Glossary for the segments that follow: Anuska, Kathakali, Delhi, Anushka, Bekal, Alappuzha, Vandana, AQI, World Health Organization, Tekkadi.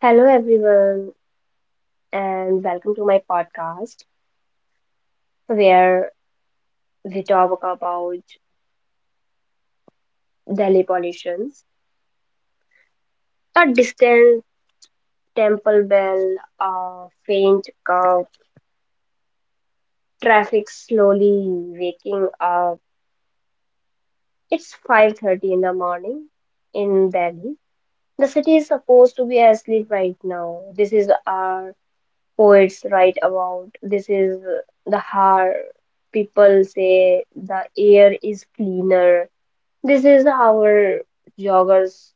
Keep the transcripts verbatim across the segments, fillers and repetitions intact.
Hello, everyone, and welcome to my podcast where we talk about Delhi pollutions. A distant temple bell, a faint cough, traffic slowly waking up. It's five thirty in the morning in Delhi. The city is supposed to be asleep right now. This is our poets write about. This is the heart. People say the air is cleaner. This is how our joggers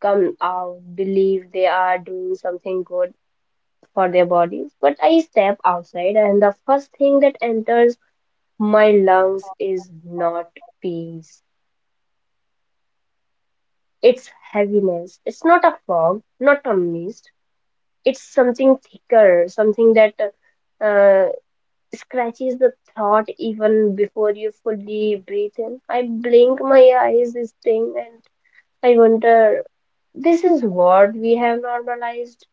come out, believe they are doing something good for their bodies. But I step outside, and the first thing that enters my lungs is not peace. It's heaviness. It's not a fog, not a mist. It's something thicker, something that uh, scratches the thought even before you fully breathe in. I blink my eyes, this thing, and I wonder. This is what we have normalized.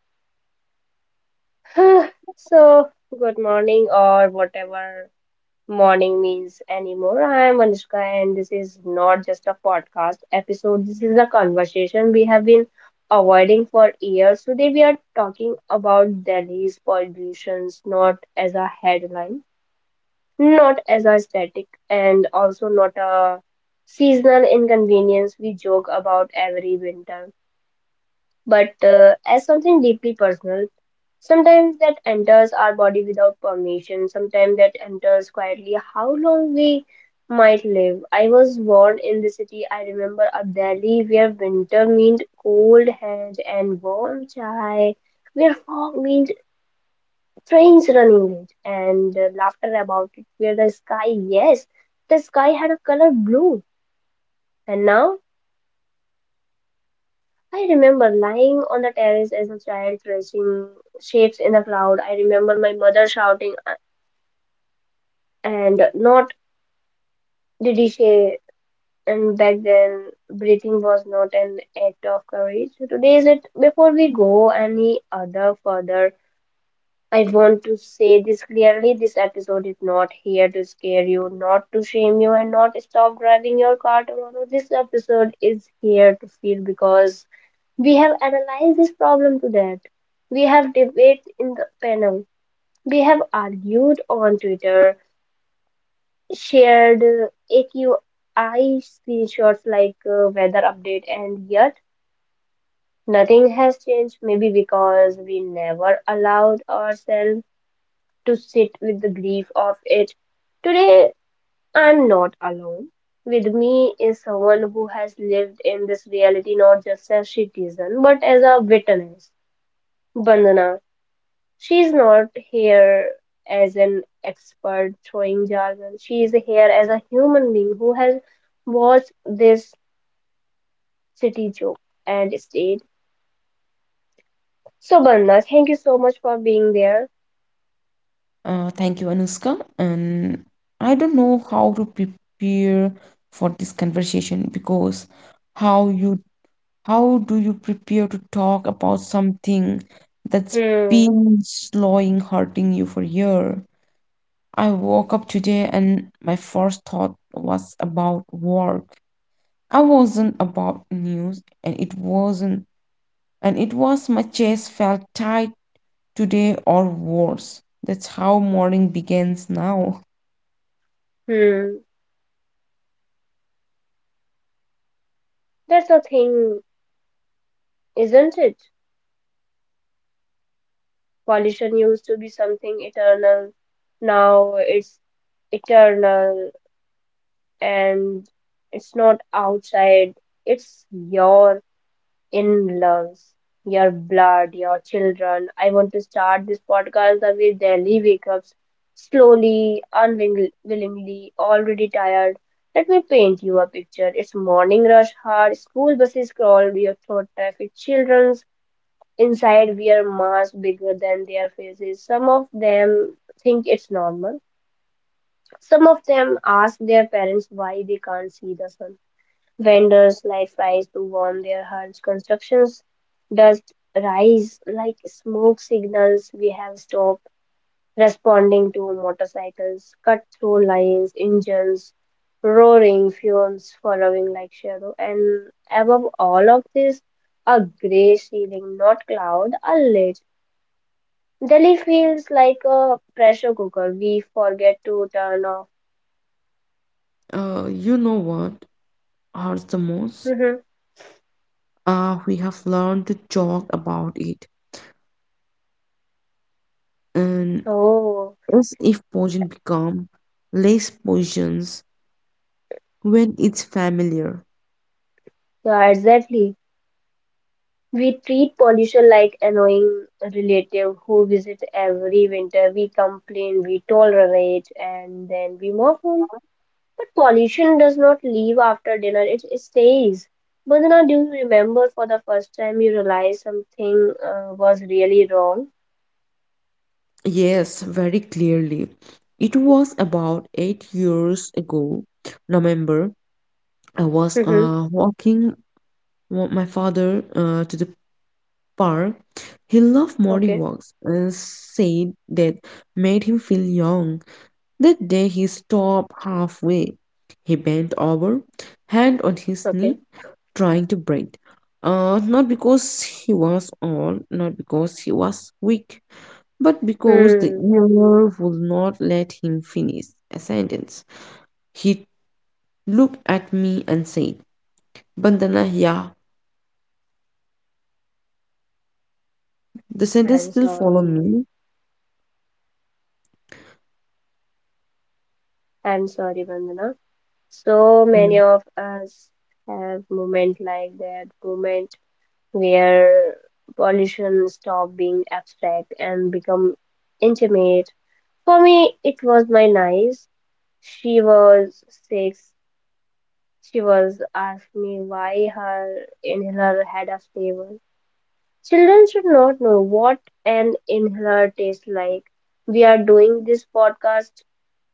So, good morning, or whatever morning means anymore. I am Anushka, and this is not just a podcast episode. This is a conversation we have been avoiding for years. Today, we are talking about Delhi's pollutions, not as a headline, not as a static, and also not a seasonal inconvenience we joke about every winter, but uh, as something deeply personal. Sometimes that enters our body without permission, sometimes that enters quietly how long we might live. I was born in the city. I remember a Delhi where winter meant cold hands and warm chai, where fog meant trains running late, and uh, laughter about it, where the sky, yes, the sky had a color blue, and now I remember lying on the terrace as a child, tracing shapes in the cloud. I remember my mother shouting, uh, and not did he say. And back then, breathing was not an act of courage. So today is it. Before we go any other further, I want to say this clearly. This episode is not here to scare you, not to shame you, and not stop driving your car tomorrow. This episode is here to feel because we have analyzed this problem to death. We have debated in the panel. We have argued on Twitter, shared uh, A Q I screenshots like uh, weather update, and yet nothing has changed. Maybe because we never allowed ourselves to sit with the grief of it. Today, I'm not alone. With me is someone who has lived in this reality not just as citizen but as a witness. Bandana. She's not here as an expert throwing jargon. She is here as a human being who has watched this city joke and stayed. So, Barna, thank you so much for being there. Uh, thank you, Anuska. And I don't know how to prepare for this conversation because how you how do you prepare to talk about something that's Hmm, been slowing, hurting you for a year? I woke up today and my first thought was about work. I wasn't about news and it wasn't and it was my chest felt tight today or worse. That's how morning begins now. hmm. That's the thing, isn't it? Pollution used to be something eternal. Now it's eternal, and it's not outside, it's your in-laws, your blood, your children. I want to start this podcast the way Delhi wake up, slowly, unwillingly, already tired. Let me paint you a picture. It's morning rush hour, school buses crawl your throat traffic, children's inside wear masks bigger than their faces. Some of them think it's normal. Some of them ask their parents why they can't see the sun. Vendors light fires to warm their hearts. Constructions dust rise like smoke signals. We have stopped responding to motorcycles, cut through lines, engines, roaring fumes following like shadow. And above all of this, a grey ceiling, not cloud, a lid. Delhi feels like a pressure cooker. We forget to turn off. Uh, you know what hurts the most? Uh, we have learned to joke about it, and Oh, as if poison become less poisons when it's familiar. yeah, exactly. We treat pollution like annoying relative who visit every winter. We complain, we tolerate, and then we move on. But pollution does not leave after dinner, it stays. Badana, do you remember for the first time you realized something uh, was really wrong? Yes, very clearly. It was about eight years ago. November. I was Mm-hmm. uh, walking with my father uh, to the park. He loved morning Okay, walks and said that made him feel young. That day he stopped halfway. He bent over, hand on his knee, okay. trying to breathe. Uh, not because he was old, not because he was weak, but because the Hmm. ear would not let him finish a sentence. He looked at me and said, Bandana, yeah. The sentence I'm still followed sorry. me. I'm sorry, Vandana. So many Mm. of us have moment like that moment where pollution stopped being abstract and become intimate. For me, it was my niece. She was six. She was asked me why her inhaler had a flavor. Children should not know what an inhaler tastes like. We are doing this podcast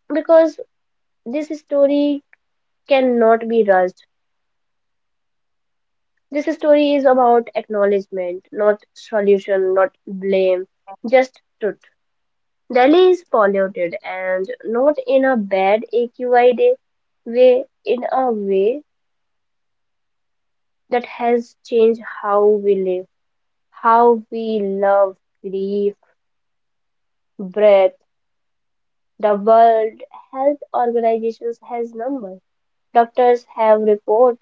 because this story cannot be rushed. This story is about acknowledgement, not solution, not blame, just truth. Delhi is polluted, and not in a bad A Q I day way, in a way that has changed how we live, how we love, grieve, breath. The World Health Organization has numbers. Doctors have report,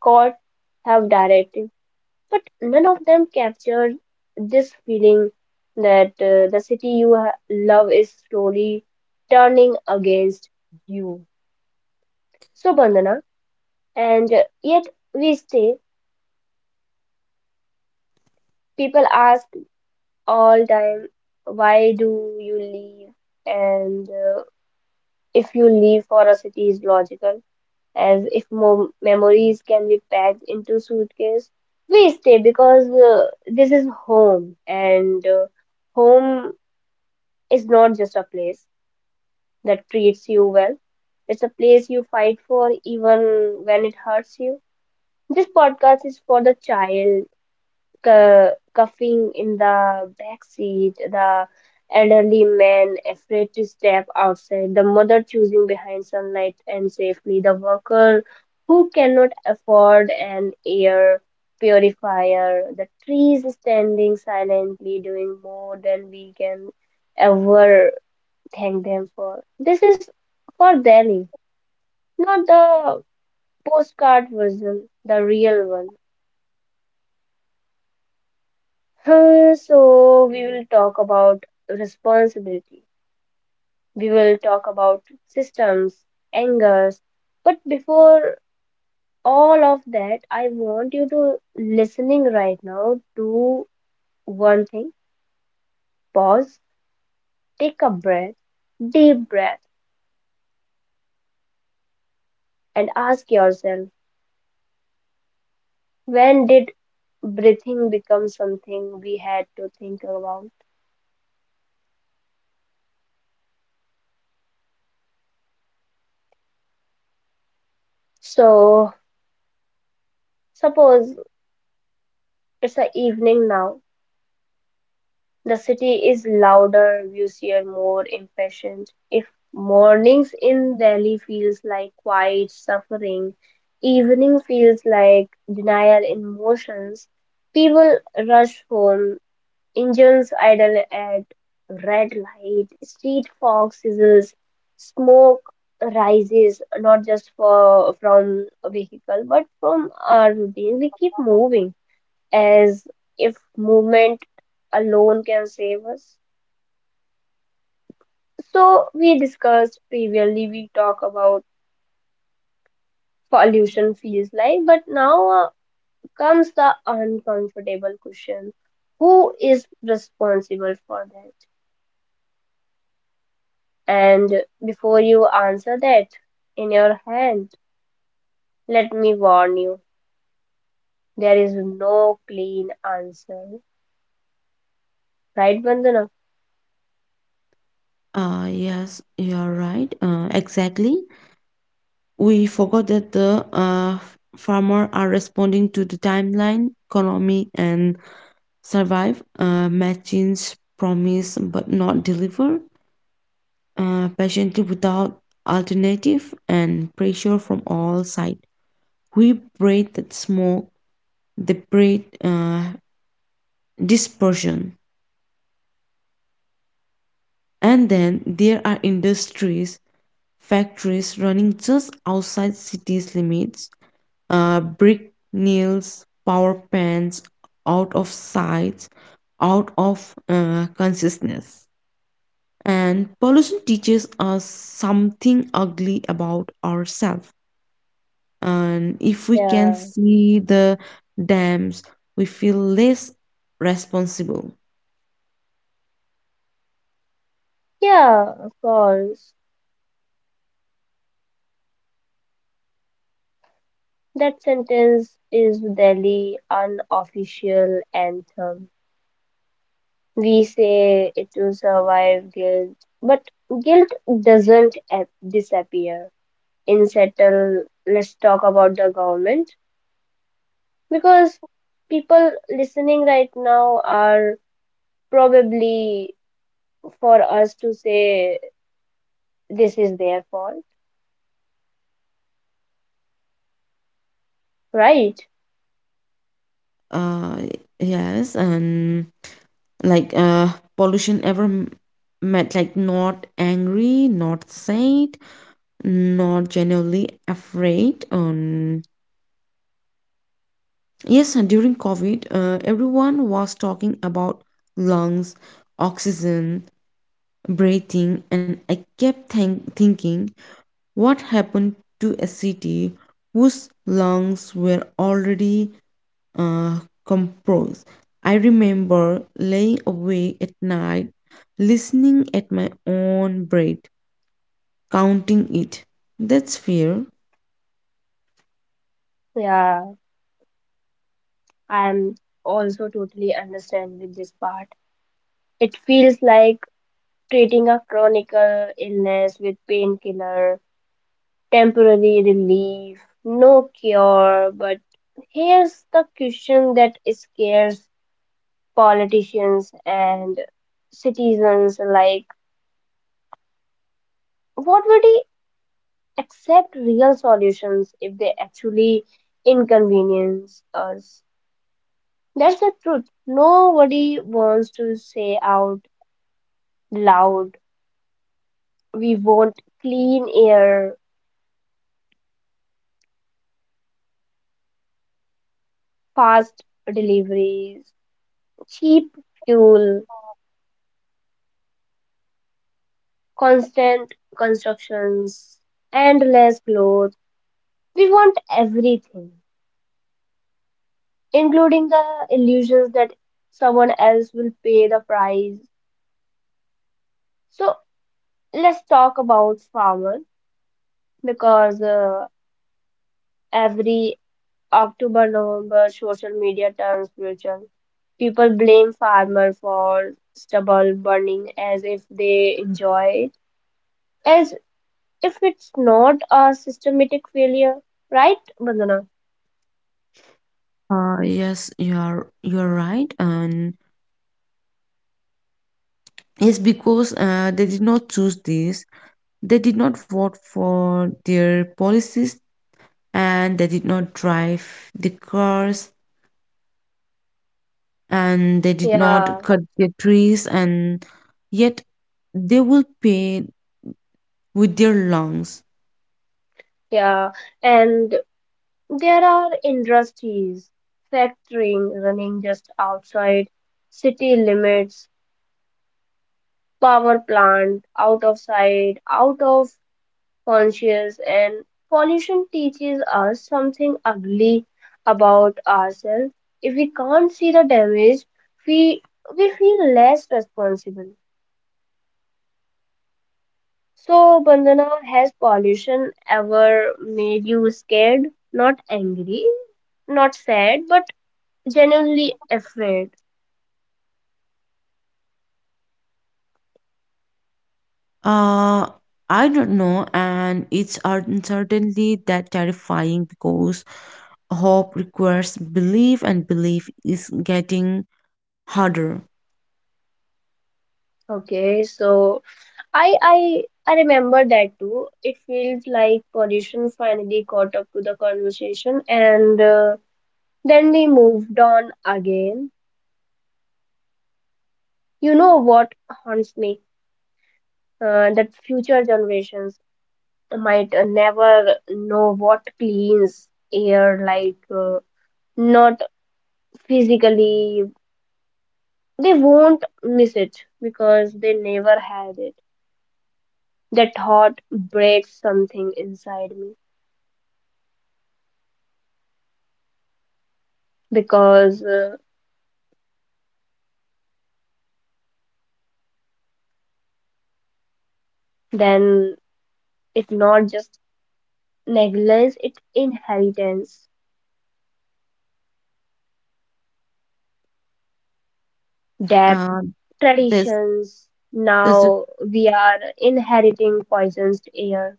courts have directive, but none of them capture this feeling that uh, the city you ha- love is slowly turning against you. So, Bandhana. And yet we stay. People ask all time, why do you leave? And uh, if you leave for a city is logical, as if mo memories can be packed into suitcase. We stay because uh, this is home, and uh, home is not just a place that treats you well. It's a place you fight for even when it hurts you. This podcast is for the child cu- coughing in the back seat, the elderly man afraid to step outside, the mother choosing behind sunlight and safely, the worker who cannot afford an air purifier, the trees standing silently doing more than we can ever thank them for. This is for Delhi, not the postcard version, the real one. Uh, so we will talk about responsibility. We will talk about systems, angers. But before all of that, I want you to listening right now. Do one thing. Pause. Take a breath. Deep breath. And ask yourself, when did breathing become something we had to think about? So suppose it's a evening now. The city is louder, busier, more impatient. If mornings in Delhi feels like quiet suffering, evening feels like denial in motions, people rush home, engines idle at red light, street fog sizzles, smoke rises not just for, from a vehicle but from our routine. We keep moving as if movement alone can save us. So we discussed previously, we talk about pollution feels like, but now uh, comes the uncomfortable question. Who is responsible for that? And before you answer that in your hand, let me warn you, there is no clean answer. Right, Vandana? Uh, yes, you're right. Uh, exactly. We forgot that the uh, f- farmer are responding to the timeline, economy, and survive. Uh, machines promise but not deliver. Uh, patiently without alternative and pressure from all sides. We breathe that smoke, the breathe uh, dispersion. And then there are industries, factories running just outside cities' limits, uh, brick nails, power plants out of sight, out of uh, consciousness. And pollution teaches us something ugly about ourselves, and if we can Yeah. see the dams we feel less responsible. Yeah, of course. That sentence is Delhi unofficial anthem. We say it will survive guilt, but guilt doesn't ap- disappear. In settle, let's talk about the government because people listening right now are probably for us to say this is their fault, right? Uh yes and like uh pollution ever m- meant like, not angry, not sad, not genuinely afraid. Um yes and during COVID, uh, everyone was talking about lungs, oxygen, breathing, and I kept think- thinking, what happened to a city whose lungs were already uh, composed? I remember lying awake at night, listening at my own breath, counting it. That's fear. Yeah, I'm also totally understand with this part. It feels like treating a chronic uh, illness with painkiller, temporary relief, no cure. But here's the question that scares politicians and citizens like, what would they accept real solutions if they actually inconvenience us? That's the truth. Nobody wants to say out loud, we want clean air, fast deliveries, cheap fuel, constant constructions, endless clothes. We want everything, including the illusions that someone else will pay the price. So let's talk about farmer because uh, every October, November, social media turns spiritual. People blame farmer for stubble burning as if they enjoy it. As if it's not a systematic failure, right, Bandana? Uh, yes, you are you are right, and yes, because uh, they did not choose this, they did not vote for their policies, and they did not drive the cars and they did not Yeah, cut their trees, and yet they will pay with their lungs. yeah. And there are industries, factoring running just outside city limits, power plant out of sight, out of conscious, and pollution teaches us something ugly about ourselves. If we can't see the damage, we we feel less responsible. So, Bandana, has pollution ever made you scared? Not angry, not sad, but genuinely afraid. uh I don't know, and it's uncertainly that terrifying because hope requires belief and belief is getting harder. Okay, so I I I remember that too. It feels like pollution finally caught up to the conversation, and uh, then we moved on again. You know what haunts me? Uh, that future generations might uh, never know what cleans air like. Uh, not physically, they won't miss it because they never had it. That thought breaks something inside me because uh, then it's not just negligence, it inheritance, debt, uh this traditions. this Now we are inheriting poisoned air.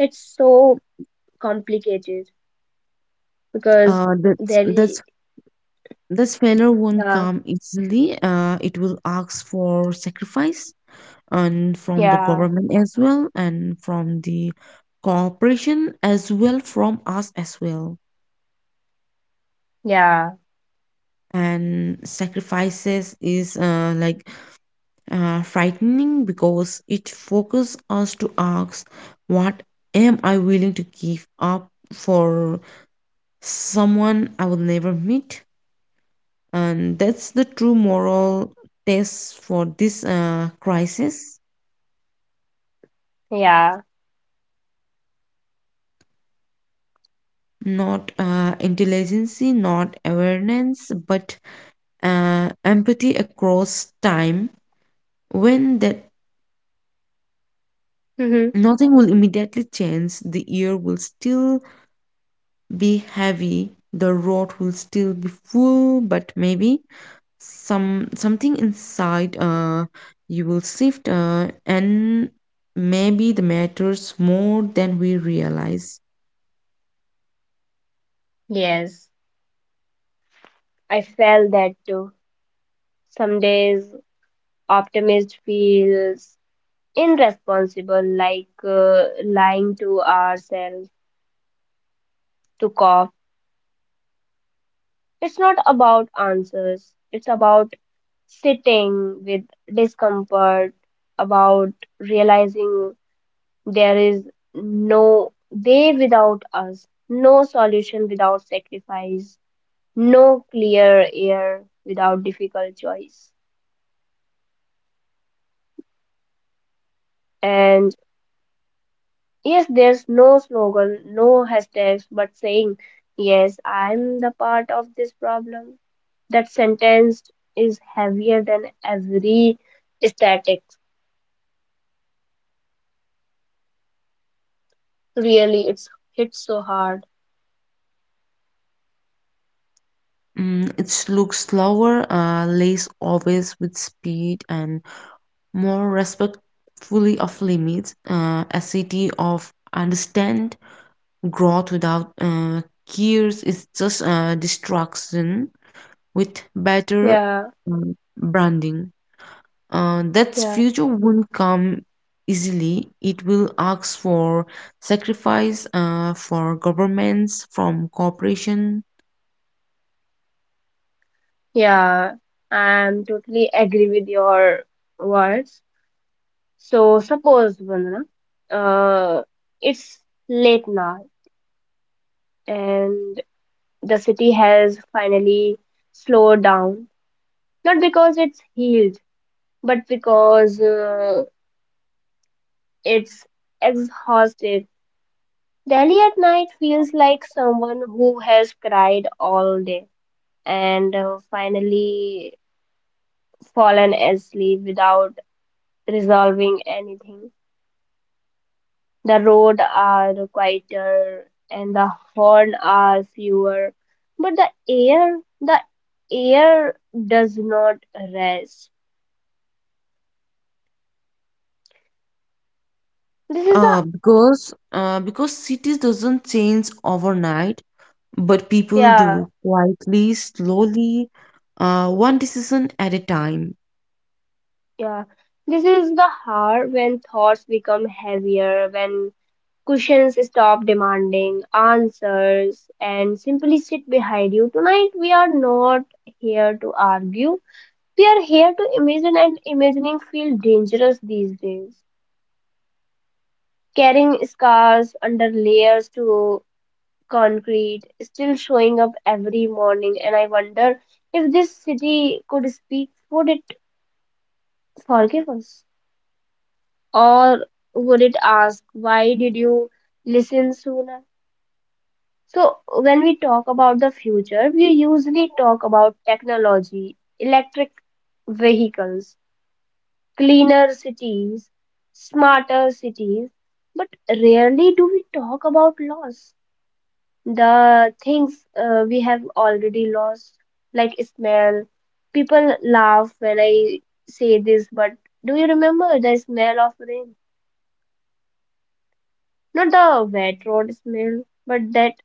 It's so complicated because uh that's that's Delhi. this failure won't yeah come easily. Uh it will ask for sacrifice and from the yeah government as well and from the cooperation as well from us as well. yeah And sacrifices is uh, like uh, frightening because it focuses us to ask, what am I willing to give up for someone I will never meet? And that's the true moral test for this uh, crisis. yeah Not uh, intelligence, not awareness, but uh, empathy across time. When that, Hmm. nothing will immediately change. The year will still be heavy, the road will still be full, but maybe some something inside uh you will shift, uh, and maybe the matters more than we realize. Yes, I felt that too. Some days, optimist feels irresponsible, like uh, lying to ourselves to cough. It's not about answers, it's about sitting with discomfort, about realizing there is no way without us, no solution without sacrifice, no clear air without difficult choice. And yes, there's no slogan, no hashtags, but saying, yes, I'm the part of this problem. That sentence is heavier than every static. Really, it's hits so hard. Mm, it looks slower, uh, less obvious with speed and more respectfully of limits, uh, a city of understand growth without uh, cures is just uh, destruction with better Yeah, um, branding. Uh, that yeah, future won't come easily. It will ask for sacrifice, uh, for governments, from corporation. yeah. I'm totally agree with your words. So suppose, Vandana, uh, it's late now and the city has finally slowed down. Not because it's healed but because uh, it's exhausted. Delhi at night feels like someone who has cried all day and uh, finally fallen asleep without resolving anything. The roads are quieter and the horn are fewer, but the air, the air does not rest. This is the Uh, because uh, because cities doesn't change overnight, but people yeah. do, quietly, slowly, uh, one decision at a time. Yeah, this is the heart when thoughts become heavier, when cushions stop demanding answers and simply sit behind you. Tonight, we are not here to argue. We are here to imagine, and imagining feels dangerous these days. Carrying scars under layers to concrete, still showing up every morning, and I wonder if this city could speak, would it forgive us? Or would it ask, why did you listen sooner? So when we talk about the future, we usually talk about technology, electric vehicles, cleaner cities, smarter cities, but rarely do we talk about loss. The things uh, we have already lost, like smell. People laugh when I say this, but do you remember the smell of rain? Not the wet road smell, but that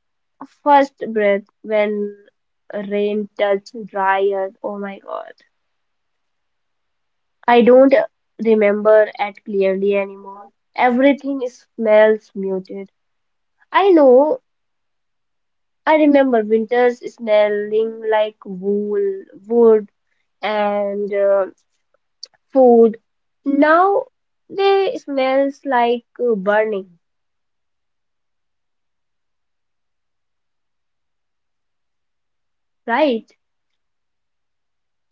first breath when rain touched dry earth. Oh my God. I don't remember it clearly anymore. Everything smells muted. I know I remember winters smelling like wool, wood, and uh, food. Now they smells like uh, burning, right?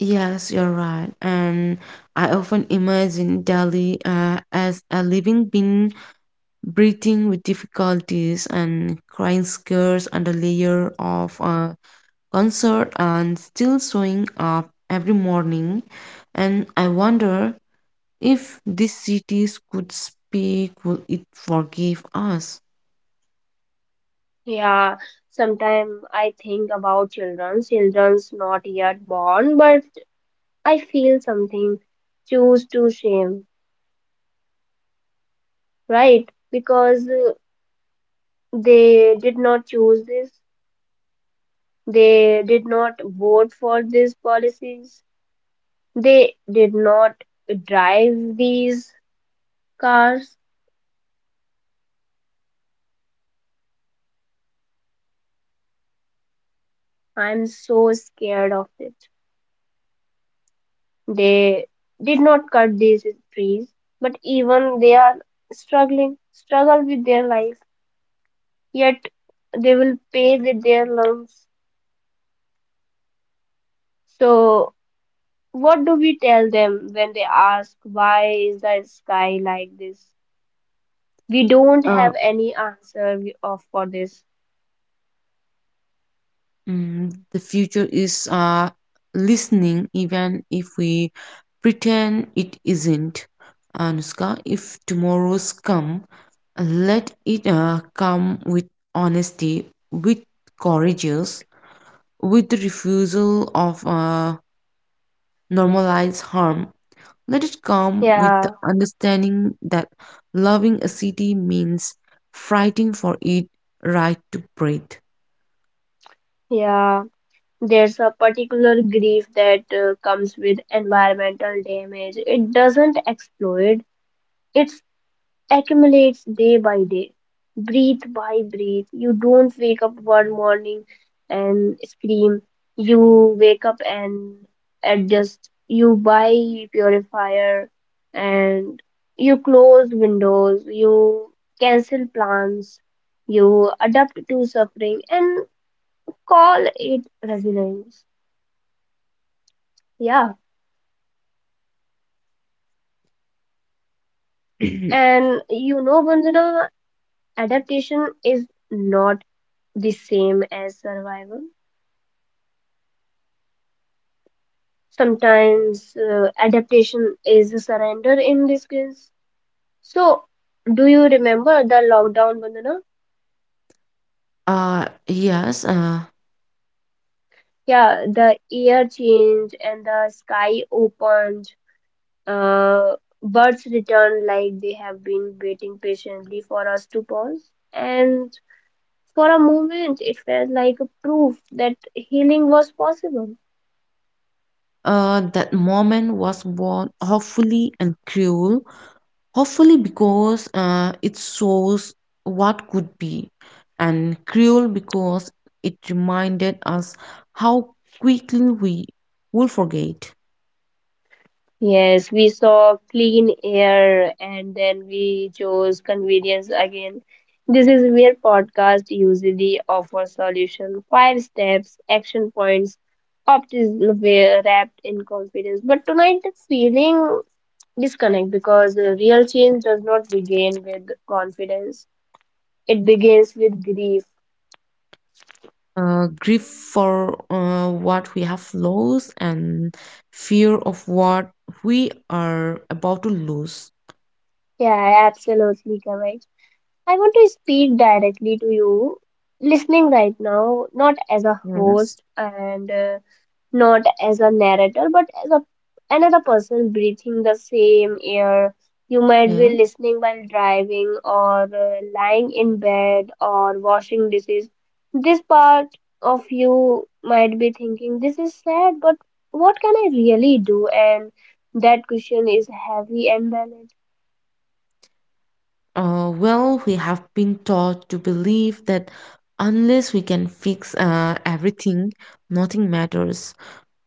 Yes, you're right. And I often imagine Delhi uh, as a living being breathing with difficulties and crying scares under layer of uh, concert and still showing up every morning. And I wonder if these cities could speak, will it forgive us? Yeah, sometimes I think about children, children's not yet born, but I feel something choose to shame, right? Because uh, they did not choose this, they did not vote for these policies, they did not drive these cars. I'm so scared of it. They did not cut these trees, but even they are struggling, struggle with their life. Yet they will pay with their lungs. So, what do we tell them when they ask, why is the sky like this? We don't have any answer we- of for this. Mm, the future is uh, listening, even if we pretend it isn't. Anushka, if tomorrow's come, let it uh, come with honesty, with courageous, with the refusal of uh, normalized harm. Let it come with the Yeah, understanding that loving a city means fighting for it right to breathe. yeah. There's a particular grief that uh, comes with environmental damage. It doesn't explode. It accumulates day by day, breath by breath. You don't wake up one morning and scream. You wake up and adjust. You buy purifier and you close windows. You cancel plans. You adapt to suffering and call it resilience. Yeah. And you know, Vandana, adaptation is not the same as survival. Sometimes uh, adaptation is a surrender in this case. So, do you remember the lockdown, Vandana? Uh, yes. Uh, Yeah, the air changed and the sky opened. Uh, birds returned like they have been waiting patiently for us to pause. And for a moment, it felt like a proof that healing was possible. uh, that moment was born hopefully and cruel. Hopefully, because uh, it shows what could be, and cruel because it reminded us how quickly we will forget. Yes, we saw clean air and then we chose convenience again. This is where podcast usually offers solution, five steps, action points, optimism were wrapped in confidence. But tonight the feeling disconnect because the real change does not begin with confidence. It begins with grief. Uh, grief for uh, what we have lost and fear of what we are about to lose. Yeah, absolutely correct. I want to speak directly to you, listening right now, not as a Yes. host and uh, not as a narrator, but as a another person breathing the same air. You might Yeah. be listening while driving or uh, lying in bed or washing dishes. This part of you might be thinking, this is sad, but what can I really do? And that question is heavy and valid. Uh, well, we have been taught to believe that unless we can fix uh, everything, nothing matters.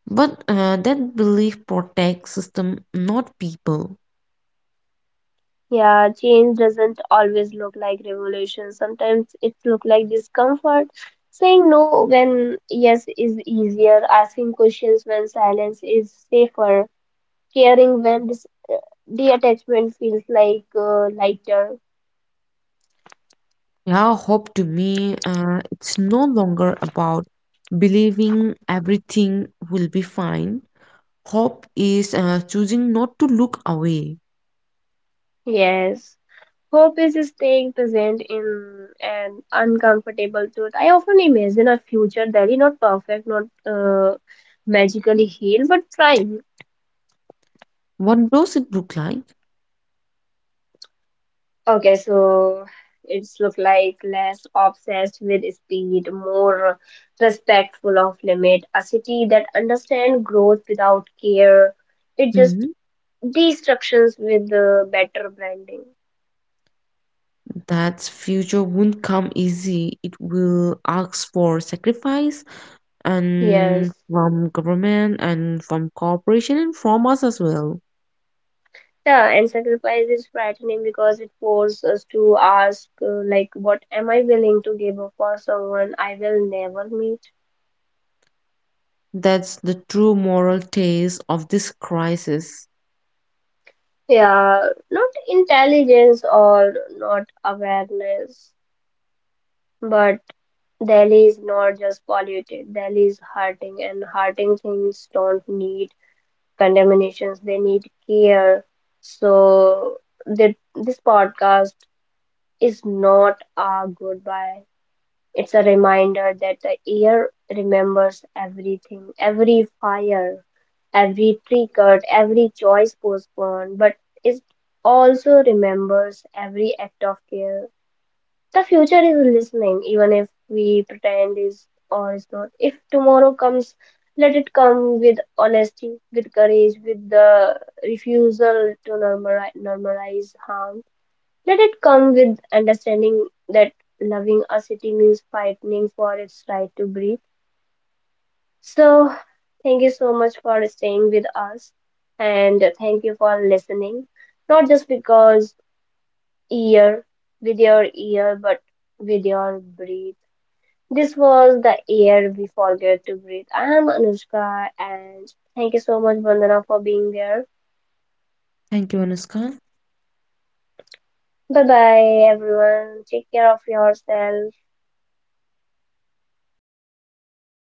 But uh, that belief protects system, not people. Yeah, change doesn't always look like revolution. Sometimes it look like discomfort. Saying no when yes is easier, asking questions when silence is safer, caring when dis uh, detachment feels like uh, lighter. Yeah, hope to me, uh, it's no longer about believing everything will be fine. Hope is uh, choosing not to look away. Yes. Hope is staying present in an uncomfortable truth. I often imagine a future that is not perfect, not uh, magically healed, but trying. What does it look like? Okay, so it's look like less obsessed with speed, more respectful of limit, a city that understands growth without care. It Hmm. just destructions with the better branding. That future won't come easy. It will ask for sacrifice and Yes. from government and from corporation and from us as well. Yeah, and sacrifice is frightening because it forces us to ask, uh, like, what am I willing to give up for someone I will never meet? That's the true moral taste of this crisis. Yeah, not intelligence or not awareness. But Delhi is not just polluted, Delhi is hurting, and hurting things don't need contaminations, they need care. So, that this podcast is not a goodbye, it's a reminder that the air remembers everything, every fire, every tree cut, every choice postponed, but it also remembers every act of care. The future is listening, even if we pretend is or is not. If tomorrow comes, let it come with honesty, with courage, with the refusal to normalize, normalize harm. Let it come with understanding that loving a city means fighting for its right to breathe. So, thank you so much for staying with us, and thank you for listening. Not just because ear with your ear, but with your breathe. This was the air we forget to breathe. I am Anushka and thank you so much Vandana for being there. Thank you, Anuska. Bye bye everyone. Take care of yourself.